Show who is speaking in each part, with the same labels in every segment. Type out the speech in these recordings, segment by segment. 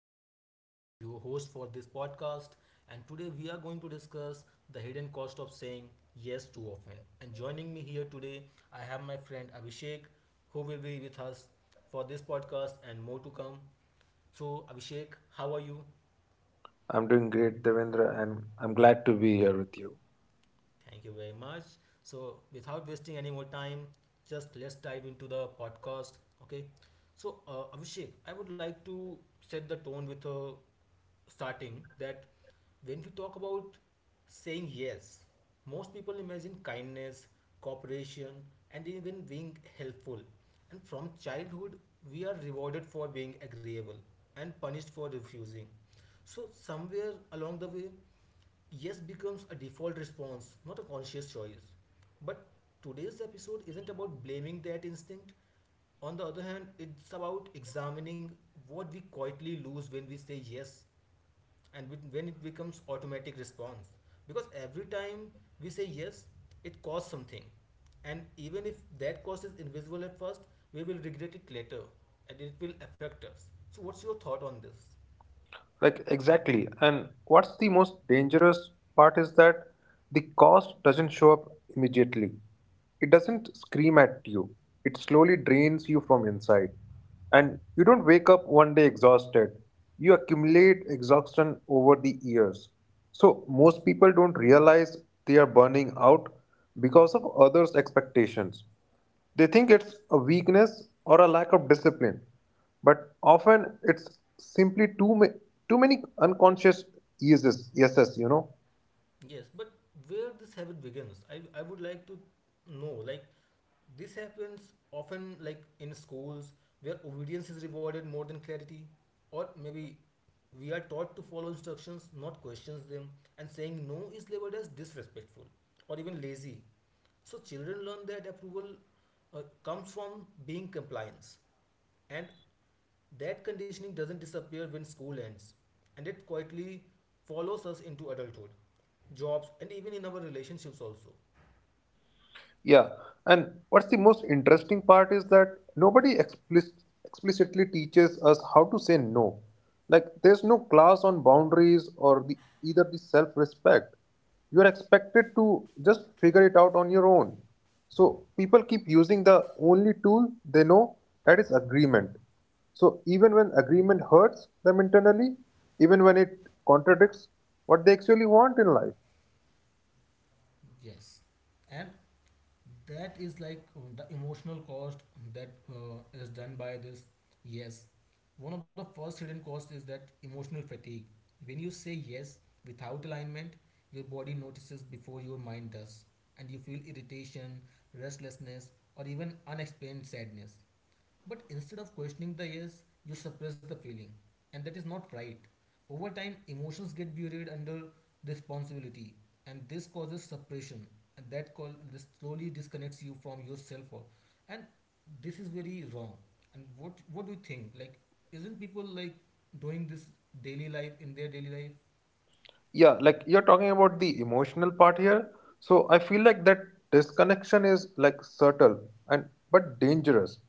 Speaker 1: This is Devendra, your host for this podcast, and today we are going to discuss the hidden cost of saying yes too often. And joining me here today, I have my friend Abhishek, who will be with us for this podcast and more to come. So, Abhishek, how are you?
Speaker 2: I'm doing great, Devendra, and I'm glad to be here with you.
Speaker 1: Thank you very much. So, without wasting any more time, just let's dive into the podcast. Okay. So, Abhishek, I would like to set the tone with a starting that when we talk about saying yes, most people imagine kindness, cooperation, and even being helpful. And from childhood, we are rewarded for being agreeable and punished for refusing. So, somewhere along the way, yes becomes a default response, not a conscious choice. But today's episode isn't about blaming that instinct. On the other hand, it's about examining what we quietly lose when we say yes, and when it becomes automatic response. Because every time we say yes, it costs something. And even if that cost is invisible at first, we will regret it later and it will affect us. So what's your thought on this?
Speaker 2: Exactly. And what's the most dangerous part is that the cost doesn't show up immediately. It doesn't scream at you, it slowly drains you from inside. And you don't wake up one day exhausted, you accumulate exhaustion over the years. So, most people don't realize they are burning out because of others' expectations. They think it's a weakness or a lack of discipline, but often it's simply too many unconscious yeses.
Speaker 1: Yes, but where this habit begins, I would like to know, like, this happens often, like in schools, where obedience is rewarded more than clarity, or maybe we are taught to follow instructions, not questions them, and saying no is labeled as disrespectful or even lazy. So children learn that approval comes from being compliance, and that conditioning doesn't disappear when school ends, and it quietly follows us into adulthood, jobs, and even in our relationships also.
Speaker 2: Yeah, and what's the most interesting part is that explicitly teaches us how to say no. Like there's no class on boundaries or the either the self-respect. You're expected to just figure it out on your own. So people keep using the only tool they know, that is agreement. So even when agreement hurts them internally, even when it contradicts what they actually want in life.
Speaker 1: Yes, and that is, like, the emotional cost that is done by this. Yes, one of the first hidden costs is that emotional fatigue. When you say yes without alignment, your body notices before your mind does, and you feel irritation, restlessness, or even unexplained sadness. But instead of questioning the yes, you suppress the feeling, and that is not right. Over time, emotions get buried under responsibility, and this causes suppression, and that call this slowly disconnects you from yourself, and this is very wrong. And what do you think? Like, isn't people like doing this daily life in their daily life?
Speaker 2: Yeah, like you're talking about the emotional part here, so I feel like that disconnection is like subtle and but dangerous.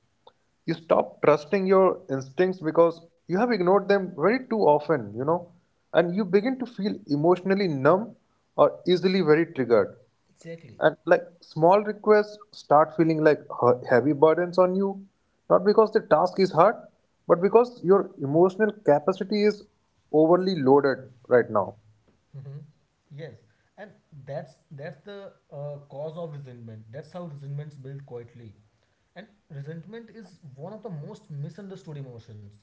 Speaker 2: You stop trusting your instincts because you have ignored them very too often. And you begin to feel emotionally numb or easily very triggered.
Speaker 1: Exactly.
Speaker 2: And like small requests start feeling like heavy burdens on you, not because the task is hard, but because your emotional capacity is overly loaded right now.
Speaker 1: Mm-hmm. Yes, and that's that's the cause of resentment. That's how resentments build quietly. And resentment is one of the most misunderstood emotions.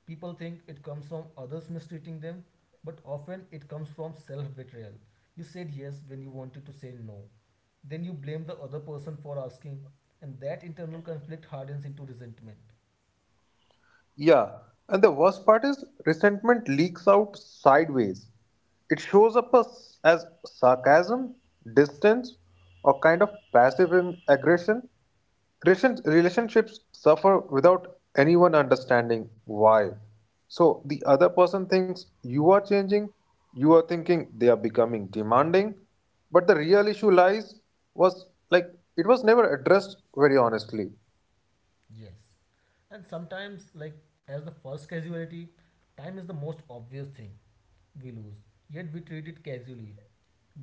Speaker 1: People think it comes from others mistreating them, but often it comes from self betrayal. You said yes when you wanted to say no. Then you blame the other person for asking, and that internal conflict hardens into resentment.
Speaker 2: Yeah, and the worst part is resentment leaks out sideways. It shows up as sarcasm, distance, or kind of aggression. Relationships suffer without anyone understanding why. So the other person thinks you are changing, you are thinking they are becoming demanding, but the real issue lies was like it was never addressed very honestly.
Speaker 1: Yes. And sometimes, like as the first casualty, time is the most obvious thing we lose, yet we treat it casually.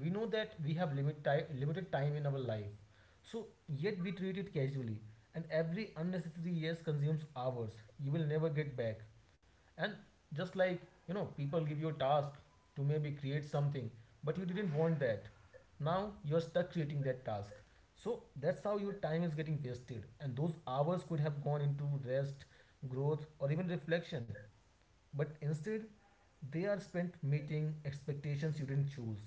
Speaker 1: We know that we have limited time in our life, so yet we treat it casually. And every unnecessary yes consumes hours you will never get back. And just like, people give you a task to maybe create something, but you didn't want that. Now you're stuck creating that task, so that's how your time is getting wasted, and those hours could have gone into rest, growth, or even reflection. But instead, they are spent meeting expectations you didn't choose.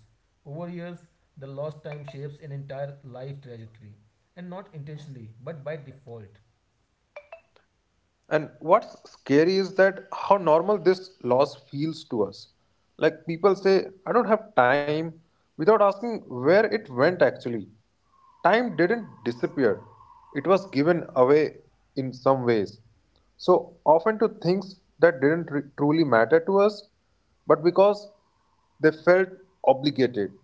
Speaker 1: Over years, the lost time shapes an entire life trajectory, and not intentionally but by default.
Speaker 2: And what's scary is that how normal this loss feels to us. Like people say, I don't have time, without asking where it went actually. Time didn't disappear, it was given away in some ways. So often to things that didn't truly matter to us, but because they felt obligated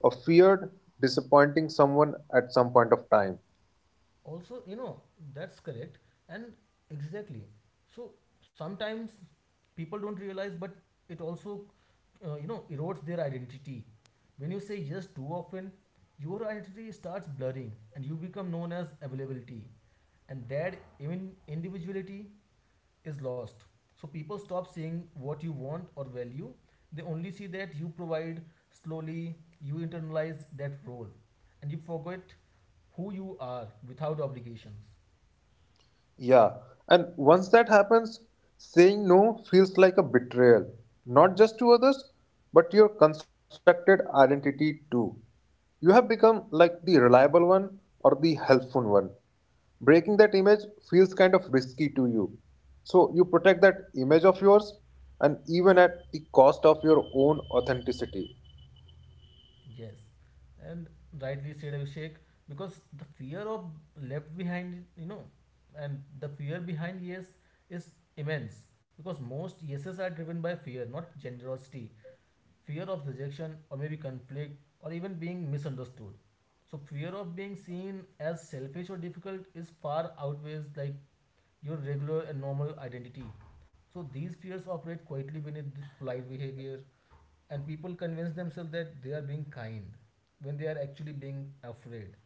Speaker 2: or feared disappointing someone at some point of time.
Speaker 1: Also, that's correct, and exactly. So sometimes people don't realize, but it also erodes their identity. When you say yes too often, your identity starts blurring, and you become known as availability, and that even individuality is lost. So people stop seeing what you want or value. They only see that you provide. Slowly, you internalize that role, and you forget who you are without obligations.
Speaker 2: Yeah, and once that happens, saying no feels like a betrayal, not just to others, but your constructed identity too. You have become like the reliable one or the helpful one. Breaking that image feels kind of risky to you. So you protect that image of yours and even at the cost of your own authenticity.
Speaker 1: Yes, and rightly said, Abhishek, because the fear of left behind, and the fear behind yes is immense, because most yeses are driven by fear, not generosity. Fear of rejection, or maybe conflict, or even being misunderstood. So fear of being seen as selfish or difficult is far outweighs, like, your regular and normal identity. So these fears operate quietly beneath this polite behavior, and people convince themselves that they are being kind when they are actually being afraid.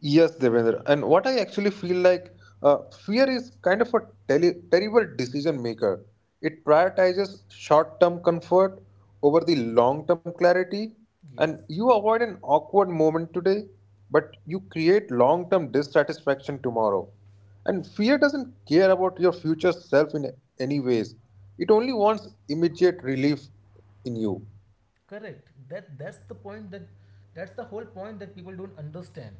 Speaker 2: Yes, Devendra. And what I actually feel like, uh, fear is kind of a terrible decision maker. It prioritizes short term comfort over the long term clarity. And
Speaker 1: Yes.
Speaker 2: you avoid an awkward moment today, but you create long term dissatisfaction tomorrow. And fear doesn't care about your future self in any ways, it only wants immediate relief in you.
Speaker 1: Correct. That's the point, that that's the whole point that people don't understand.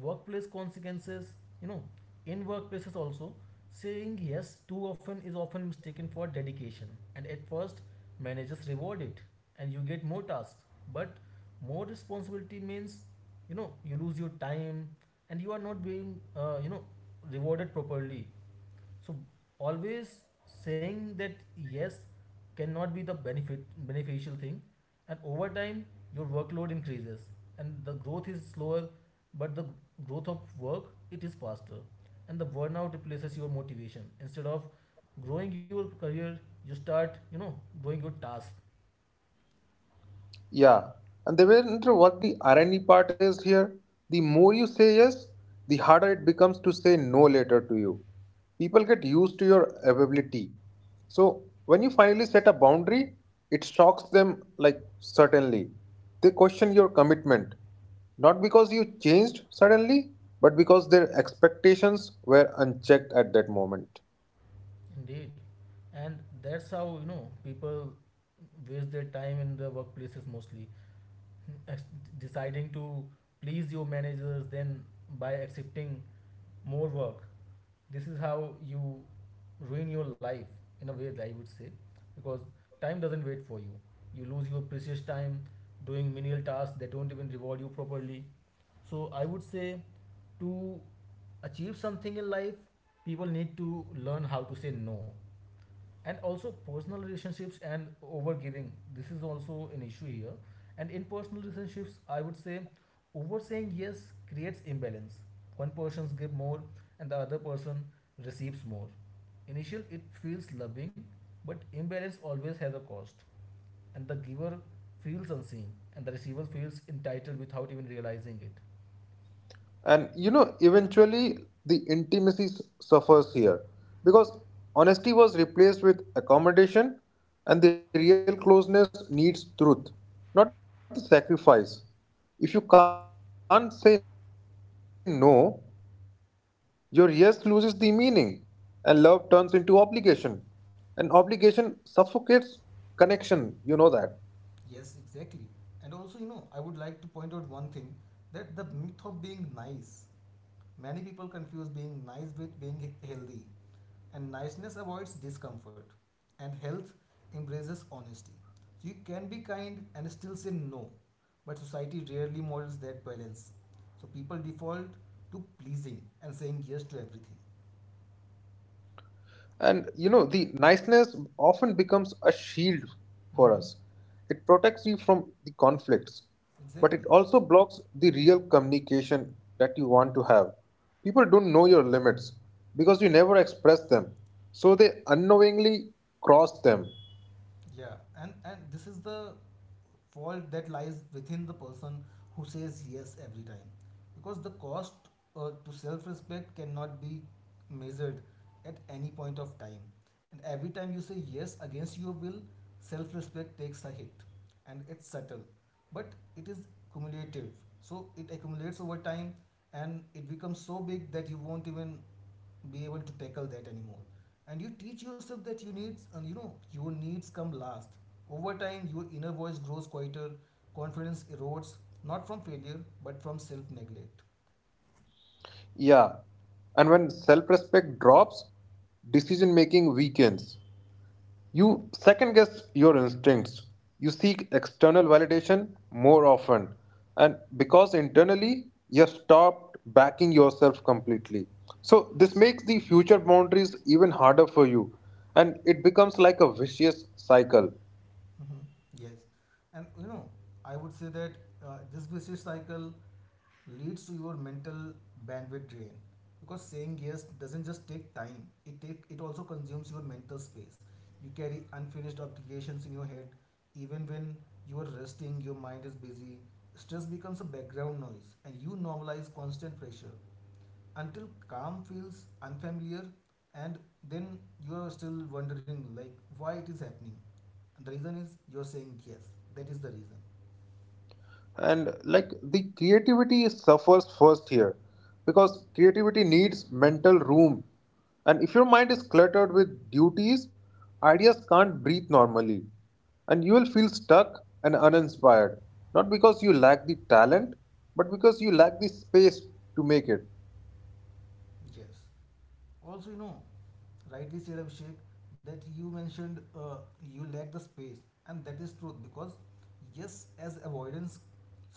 Speaker 1: Workplace consequences, you know, in workplaces also, saying yes too often is often mistaken for dedication. And at first, managers reward it and you get more tasks. But more responsibility means, you lose your time, and you are not being, rewarded properly. So always saying that yes cannot be the benefit beneficial thing, and over time your workload increases and the growth is slower, but the growth of work it is faster, and the burnout replaces your motivation. Instead of growing your career, you start growing your task.
Speaker 2: Yeah, and Devendra, what the irony part is here, the more you say yes, the harder it becomes to say no later to you. People get used to your availability. So when you finally set a boundary, it shocks them like certainly. They question your commitment, not because you changed suddenly, but because their expectations were unchecked at that moment.
Speaker 1: Indeed, and that's how people waste their time in the workplaces, mostly ex- deciding to please your managers, then by accepting more work. This is how you ruin your life, in a way, that I would say, because time doesn't wait for you. You lose your precious time doing menial tasks that don't even reward you properly. So I would say, to achieve something in life, people need to learn how to say no. And also, personal relationships and overgiving, this is also an issue here. And in personal relationships, I would say, over saying yes creates imbalance. One person gives more and the other person receives more. Initial, it feels loving, but imbalance always has a cost, and the giver feels unseen, and the receiver feels entitled without even realizing it.
Speaker 2: And you know, eventually the intimacy suffers here because honesty was replaced with accommodation, and the real closeness needs truth, not the sacrifice. If you can't say no, your yes loses the meaning, and love turns into obligation. And obligation suffocates connection, you know that.
Speaker 1: Yes, exactly. And also, I would like to point out one thing, that the myth of being nice. Many people confuse being nice with being healthy, and niceness avoids discomfort, and health embraces honesty. So you can be kind and still say no, but society rarely models that balance. So people default to pleasing and saying yes to everything.
Speaker 2: And you know, the niceness often becomes a shield for us.
Speaker 1: Mhm.
Speaker 2: It protects you from the conflicts, but it
Speaker 1: Exactly.
Speaker 2: also blocks the real communication that you want to have. People don't know your limits because you never express them, so they unknowingly cross them.
Speaker 1: Yeah, and this is the fault that lies within the person who says yes every time, because the cost to self-respect cannot be measured at any point of time, and every time you say yes against your will, self-respect takes a hit, and it's subtle, but it is cumulative. So it accumulates over time, and it becomes so big that you won't even be able to tackle that anymore, and you teach yourself that you needs and your needs come last. Over time, your inner voice grows quieter, confidence erodes, not from failure but from self neglect.
Speaker 2: Yeah, and when self respect drops, decision making weakens. You second guess your instincts. You seek external validation more often. And because internally, you have stopped backing yourself completely. So, this makes the future boundaries even harder for you. And it becomes like a vicious cycle.
Speaker 1: Hmm. Yes, and I would say that this vicious cycle leads to your mental bandwidth drain, because saying yes doesn't just take time, it also consumes your mental space. You carry unfinished obligations in your head. Even when you are resting, your mind is busy. Stress becomes a background noise, and you normalize constant pressure until calm feels unfamiliar. And then you are still wondering, like, why it is happening, and the reason is you're saying yes. That is the reason.
Speaker 2: And like the creativity suffers first here, because creativity needs mental room, and if your mind is cluttered with duties, ideas can't breathe normally, and you will feel stuck and uninspired, not because you lack the talent, but because you lack the space to make it.
Speaker 1: Yes, also rightly said, Abhishek, that you mentioned you lack the space, and that is truth. Because yes as avoidance,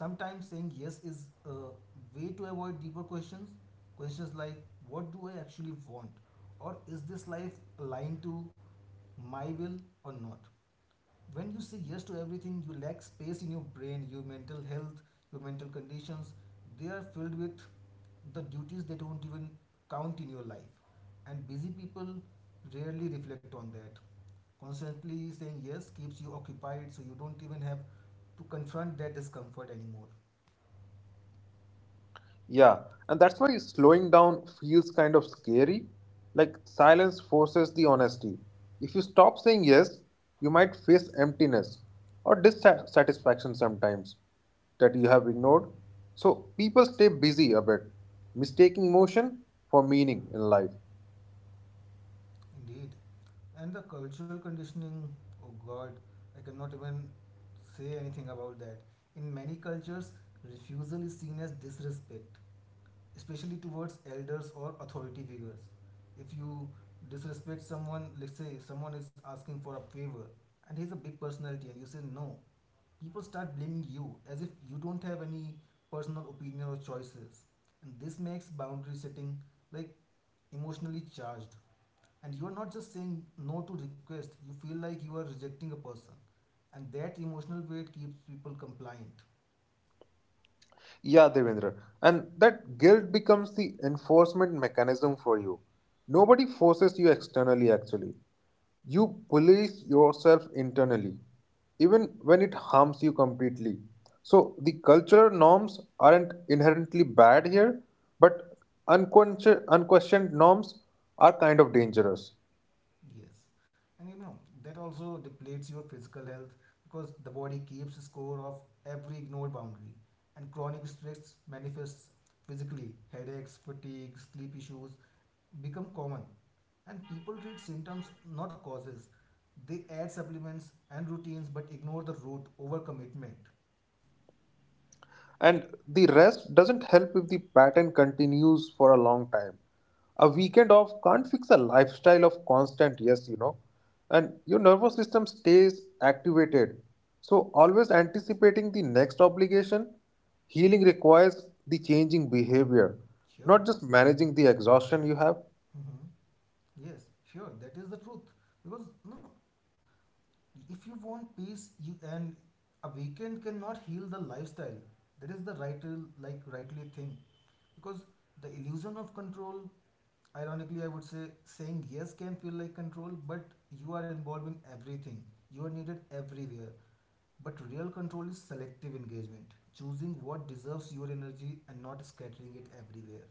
Speaker 1: sometimes saying yes is a way to avoid deeper questions. Questions like, what do I actually want, or is this life aligned to my will or not? When you say yes to everything, you lack space in your brain. Your mental health, your mental conditions, they are filled with the duties that don't even count in your life. And busy people rarely reflect on that. Constantly saying yes keeps you occupied, so you don't even have to confront that discomfort anymore.
Speaker 2: Yeah, and that's why slowing down feels kind of scary. Like silence forces the honesty. If you stop saying yes, you might face emptiness or dissatisfaction sometimes that you have ignored. So people stay busy a bit, mistaking motion for meaning in life.
Speaker 1: Indeed. And the cultural conditioning, oh god, I cannot even say anything about that. In many cultures, refusal is seen as disrespect, especially towards elders or authority figures. If you disrespect someone, let's say someone is asking for a favor and he's a big personality and you say no, people start blaming you as if you don't have any personal opinion or choices. And this makes boundary setting, like, emotionally charged. And you are not just saying no to request, you feel like you are rejecting a person. And that emotional weight keeps people compliant.
Speaker 2: Yeah, Devendra. And that guilt becomes the enforcement mechanism for you. Nobody forces you externally, actually. You police yourself internally, even when it harms you completely. So, the cultural norms aren't inherently bad here, but unquestioned norms are kind of dangerous.
Speaker 1: Yes, and that also depletes your physical health, because the body keeps score of every ignored boundary, and chronic stress manifests physically. Headaches, fatigue, sleep issues become common, and people treat symptoms not causes. They add supplements and routines but ignore the root overcommitment.
Speaker 2: And the rest doesn't help if the pattern continues for a long time. A weekend off can't fix a lifestyle of constant yes, you know, and your nervous system stays activated. So, always anticipating the next obligation, healing requires the changing behavior, not
Speaker 1: Sure.
Speaker 2: just managing the exhaustion you have.
Speaker 1: Mm-hmm. Yes, sure. That is the truth, because no, if you want peace, you and a weekend cannot heal the lifestyle. That is the like rightly thing, because the illusion of control. Ironically, I would say saying yes can feel like control, but you are involving everything. You are needed everywhere. But real control is selective engagement, choosing what deserves your energy and not scattering it everywhere.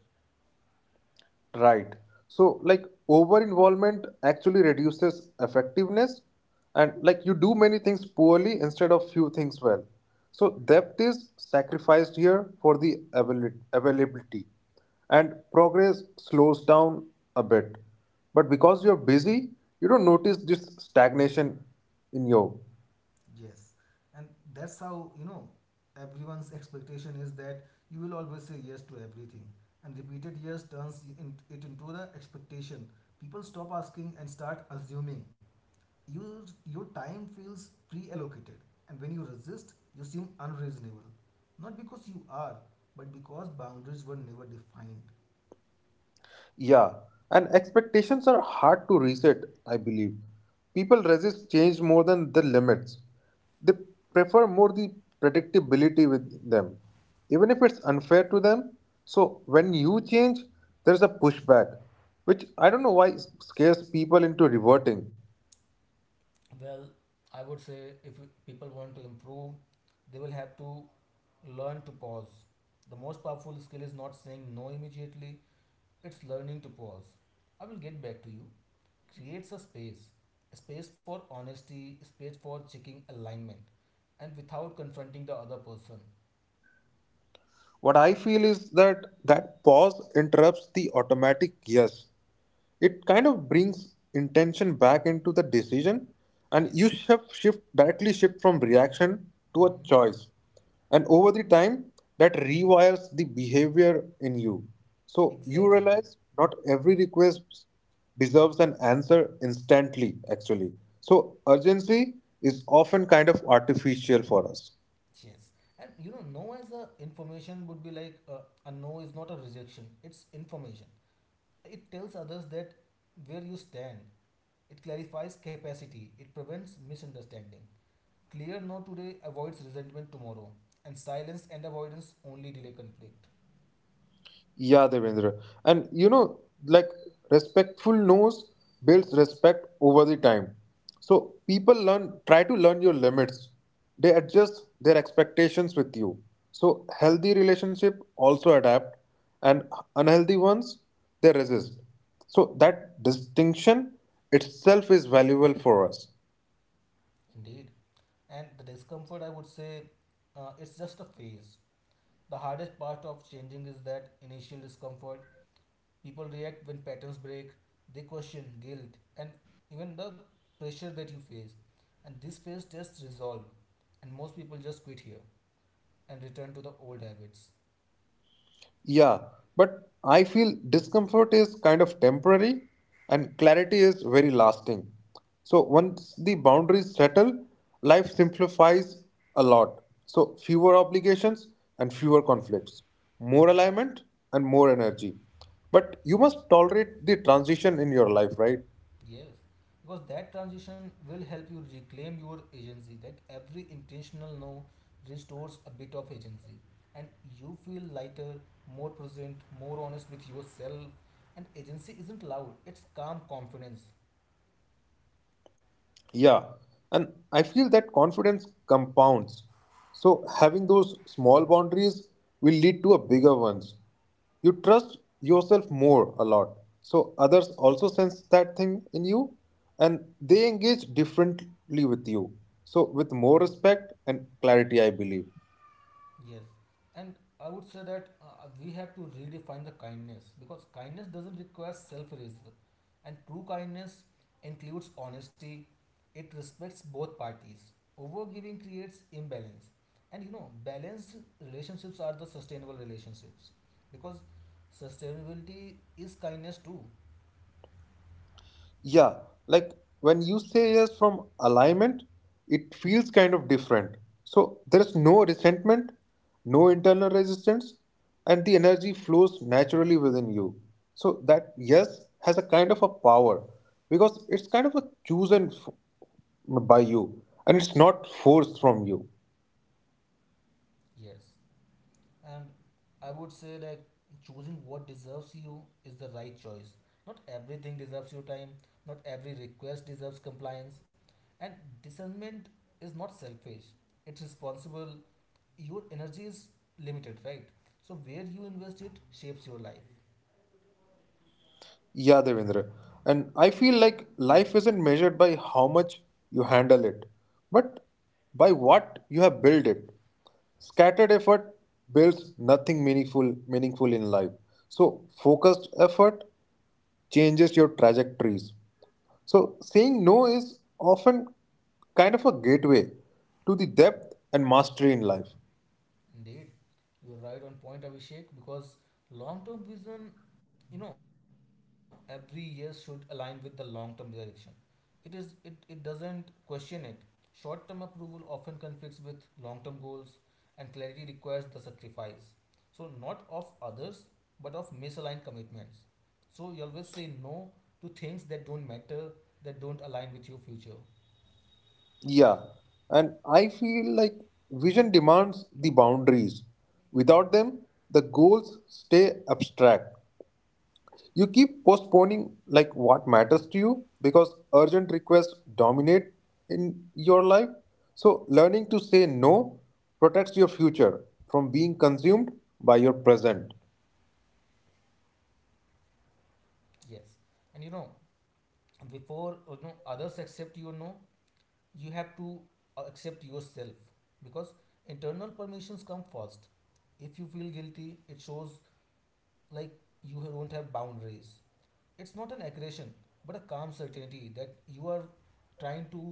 Speaker 2: Right. So, over involvement actually reduces effectiveness, and like, you do many things poorly instead of few things well. So, depth is sacrificed here for the availability, and progress slows down a bit. But because you're busy, you don't notice this stagnation in you.
Speaker 1: Yes, and that's how you know everyone's expectation is that you will always say yes to everything, and repeated yes turns it into the expectation. People stop asking and start assuming. Your time feels pre-allocated, and when you resist, you seem unreasonable. Not because you are, but because boundaries were never defined.
Speaker 2: Yeah, and expectations are hard to reset, I believe. People resist change more than the limits. They prefer more the predictability with them, even if it's unfair to them. So when you change, there's a pushback, which I don't know why scares people into reverting.
Speaker 1: Well, I would say if people want to improve, they will have to learn to pause. The most powerful skill is not saying no immediately, it's learning to pause. I will get back to you. Creates a space. A space for honesty, a space for checking alignment, and without confronting the other person.
Speaker 2: What I feel is that that pause interrupts the automatic yes. It kind of brings intention back into the decision, and you
Speaker 1: Yes.
Speaker 2: shift directly shift from reaction to a
Speaker 1: Hmm.
Speaker 2: choice, and over the time that rewires the behavior in you, so you
Speaker 1: Exactly.
Speaker 2: realize not every request deserves an answer instantly actually. So urgency is often kind of artificial for us.
Speaker 1: Yes. And you know, no as a information would be like a no is not a rejection, it's information. It tells others that where you stand, it clarifies capacity, it prevents misunderstanding. Clear no today avoids resentment tomorrow, and silence and avoidance only delay conflict.
Speaker 2: Yeah, Devendra. And you know, like respectful no's builds respect over the time. So people learn try to learn your limits. They adjust their expectations with you. So healthy relationship also adapt, and unhealthy ones they resist. So that distinction itself is valuable for us.
Speaker 1: Indeed. And the discomfort, I would say, it's just a phase. The hardest part of changing is that initial discomfort. People react when patterns break, they question guilt, and even the pressure that you face. And this phase just resolve, and most people just quit here and return to the old habits.
Speaker 2: Yeah, but I feel discomfort is kind of temporary and clarity is very lasting. So once the boundaries settle, life simplifies a lot. So fewer obligations and fewer conflicts, more alignment and more energy. But you must tolerate the transition in your life, right?
Speaker 1: Yes, because that transition will help you reclaim your agency. That every intentional no restores a bit of agency, and you feel lighter, more present, more honest with yourself. And agency isn't loud; it's calm confidence.
Speaker 2: Yeah, and I feel that confidence compounds. So having those small boundaries will lead to a bigger ones. You trust yourself more a lot. So others also sense that thing in you and they engage differently with you. So with more respect and clarity, I believe.
Speaker 1: Yes, and I would say that we have to redefine the kindness because kindness doesn't require self-erasure, and true kindness includes honesty. It respects both parties. Overgiving creates imbalance, and you know, balanced relationships are the sustainable relationships because sustainability is kindness too.
Speaker 2: Yeah, like when you say yes from alignment, it feels kind of different. So there's no resentment, no internal resistance, and the energy flows naturally within you. So that yes has a kind of a power because it's kind of a chosen f- by you and it's not forced from you.
Speaker 1: Yes. And I would say like choosing what deserves you is the right choice. Not everything deserves your time, not every request deserves compliance. And discernment is not selfish, it's responsible. Your energy is limited, right? So, where you invest it shapes your life.
Speaker 2: Yeah, Devendra. And I feel like life isn't measured by how much you handle it, but by what you have built it. Scattered effort builds nothing meaningful in life. So focused effort changes your trajectories. So saying no is often kind of a gateway to the depth and mastery in life.
Speaker 1: Indeed, you're right on point, Abhishek, because long term vision, you know, every year should align with the long term direction. It doesn't question it. Short term approval often conflicts with long term goals and clarity requires the sacrifice. So not of others but of misaligned commitments. So you always say no to things that don't matter, that don't align with your future.
Speaker 2: Yeah, and I feel like vision demands the boundaries. Without them, the goals stay abstract. You keep postponing like what matters to you because urgent requests dominate in your life. So learning to say no protects your future from being consumed by your present.
Speaker 1: Yes. And you know, before you know others accept your no, you have to accept yourself because internal permissions come first. If you feel guilty it shows like you don't have boundaries. It's not an aggression but a calm certainty that you are trying to,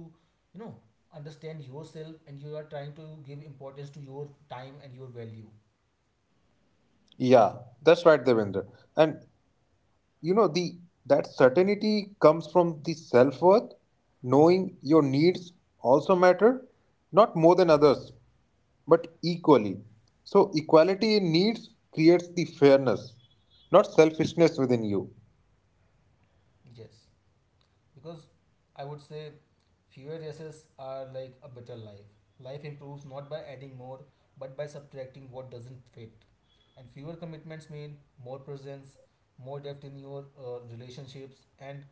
Speaker 1: you know, understand yourself and you are trying to give importance to your time and your value.
Speaker 2: Yeah, that's right, Devendra. And you know the that certainty comes from the self-worth, knowing your needs also matter, not more than others but equally, so equality in needs creates the fairness, not selfishness within you.
Speaker 1: Yes, because I would say fewer races are like a better life. Life improves not by adding more but by subtracting what doesn't fit, and fewer commitments mean more presence, more depth in your relationships, and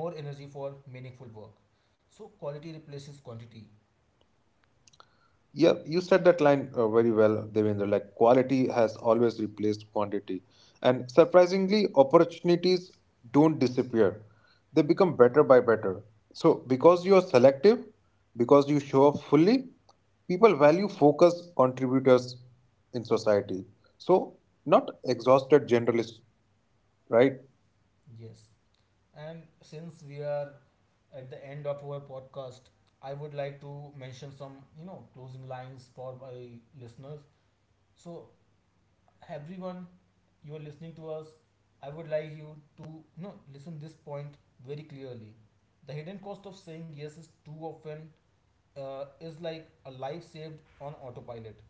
Speaker 1: more energy for meaningful work. So quality replaces quantity.
Speaker 2: Yeah, you said that line very well, Devendra. Like quality has always replaced quantity, and surprisingly, opportunities don't disappear; they become better by better. So, because you are selective, because you show up fully, people value focused contributors in society. So, not exhausted generalists, right?
Speaker 1: Yes, and since we are at the end of our podcast, I would like to mention some, you know, closing lines for my listeners. So everyone, you are listening to us. I would like you to no listen this point very clearly. The hidden cost of saying yes is too often, is like a life saved on autopilot.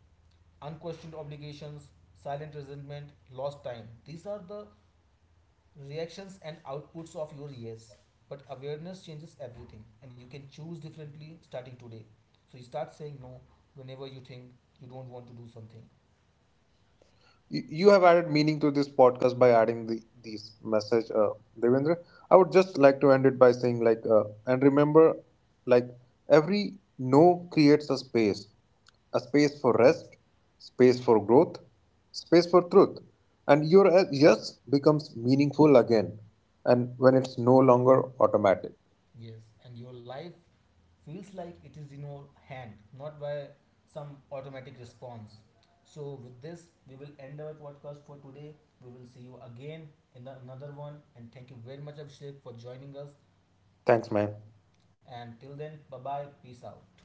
Speaker 1: Unquestioned obligations, silent resentment, lost time, these are the reactions and outputs of your yes. But awareness changes everything and you can choose differently starting today. So you start saying no whenever you think you don't want to do something.
Speaker 2: You you have added meaning to this podcast by adding these message, Devendra. I would just like to end it by saying like and remember, like every no creates a space, a space for rest, space for growth, space for truth, and your yes becomes meaningful again and when it's no longer automatic.
Speaker 1: Yes, and your life feels like it is in your hand, not by some automatic response. So, with this, we will end our podcast for today. We will see you again in another one. And thank you very much, Abhishek, for joining us.
Speaker 2: Thanks, man.
Speaker 1: And till then, bye bye. Peace out.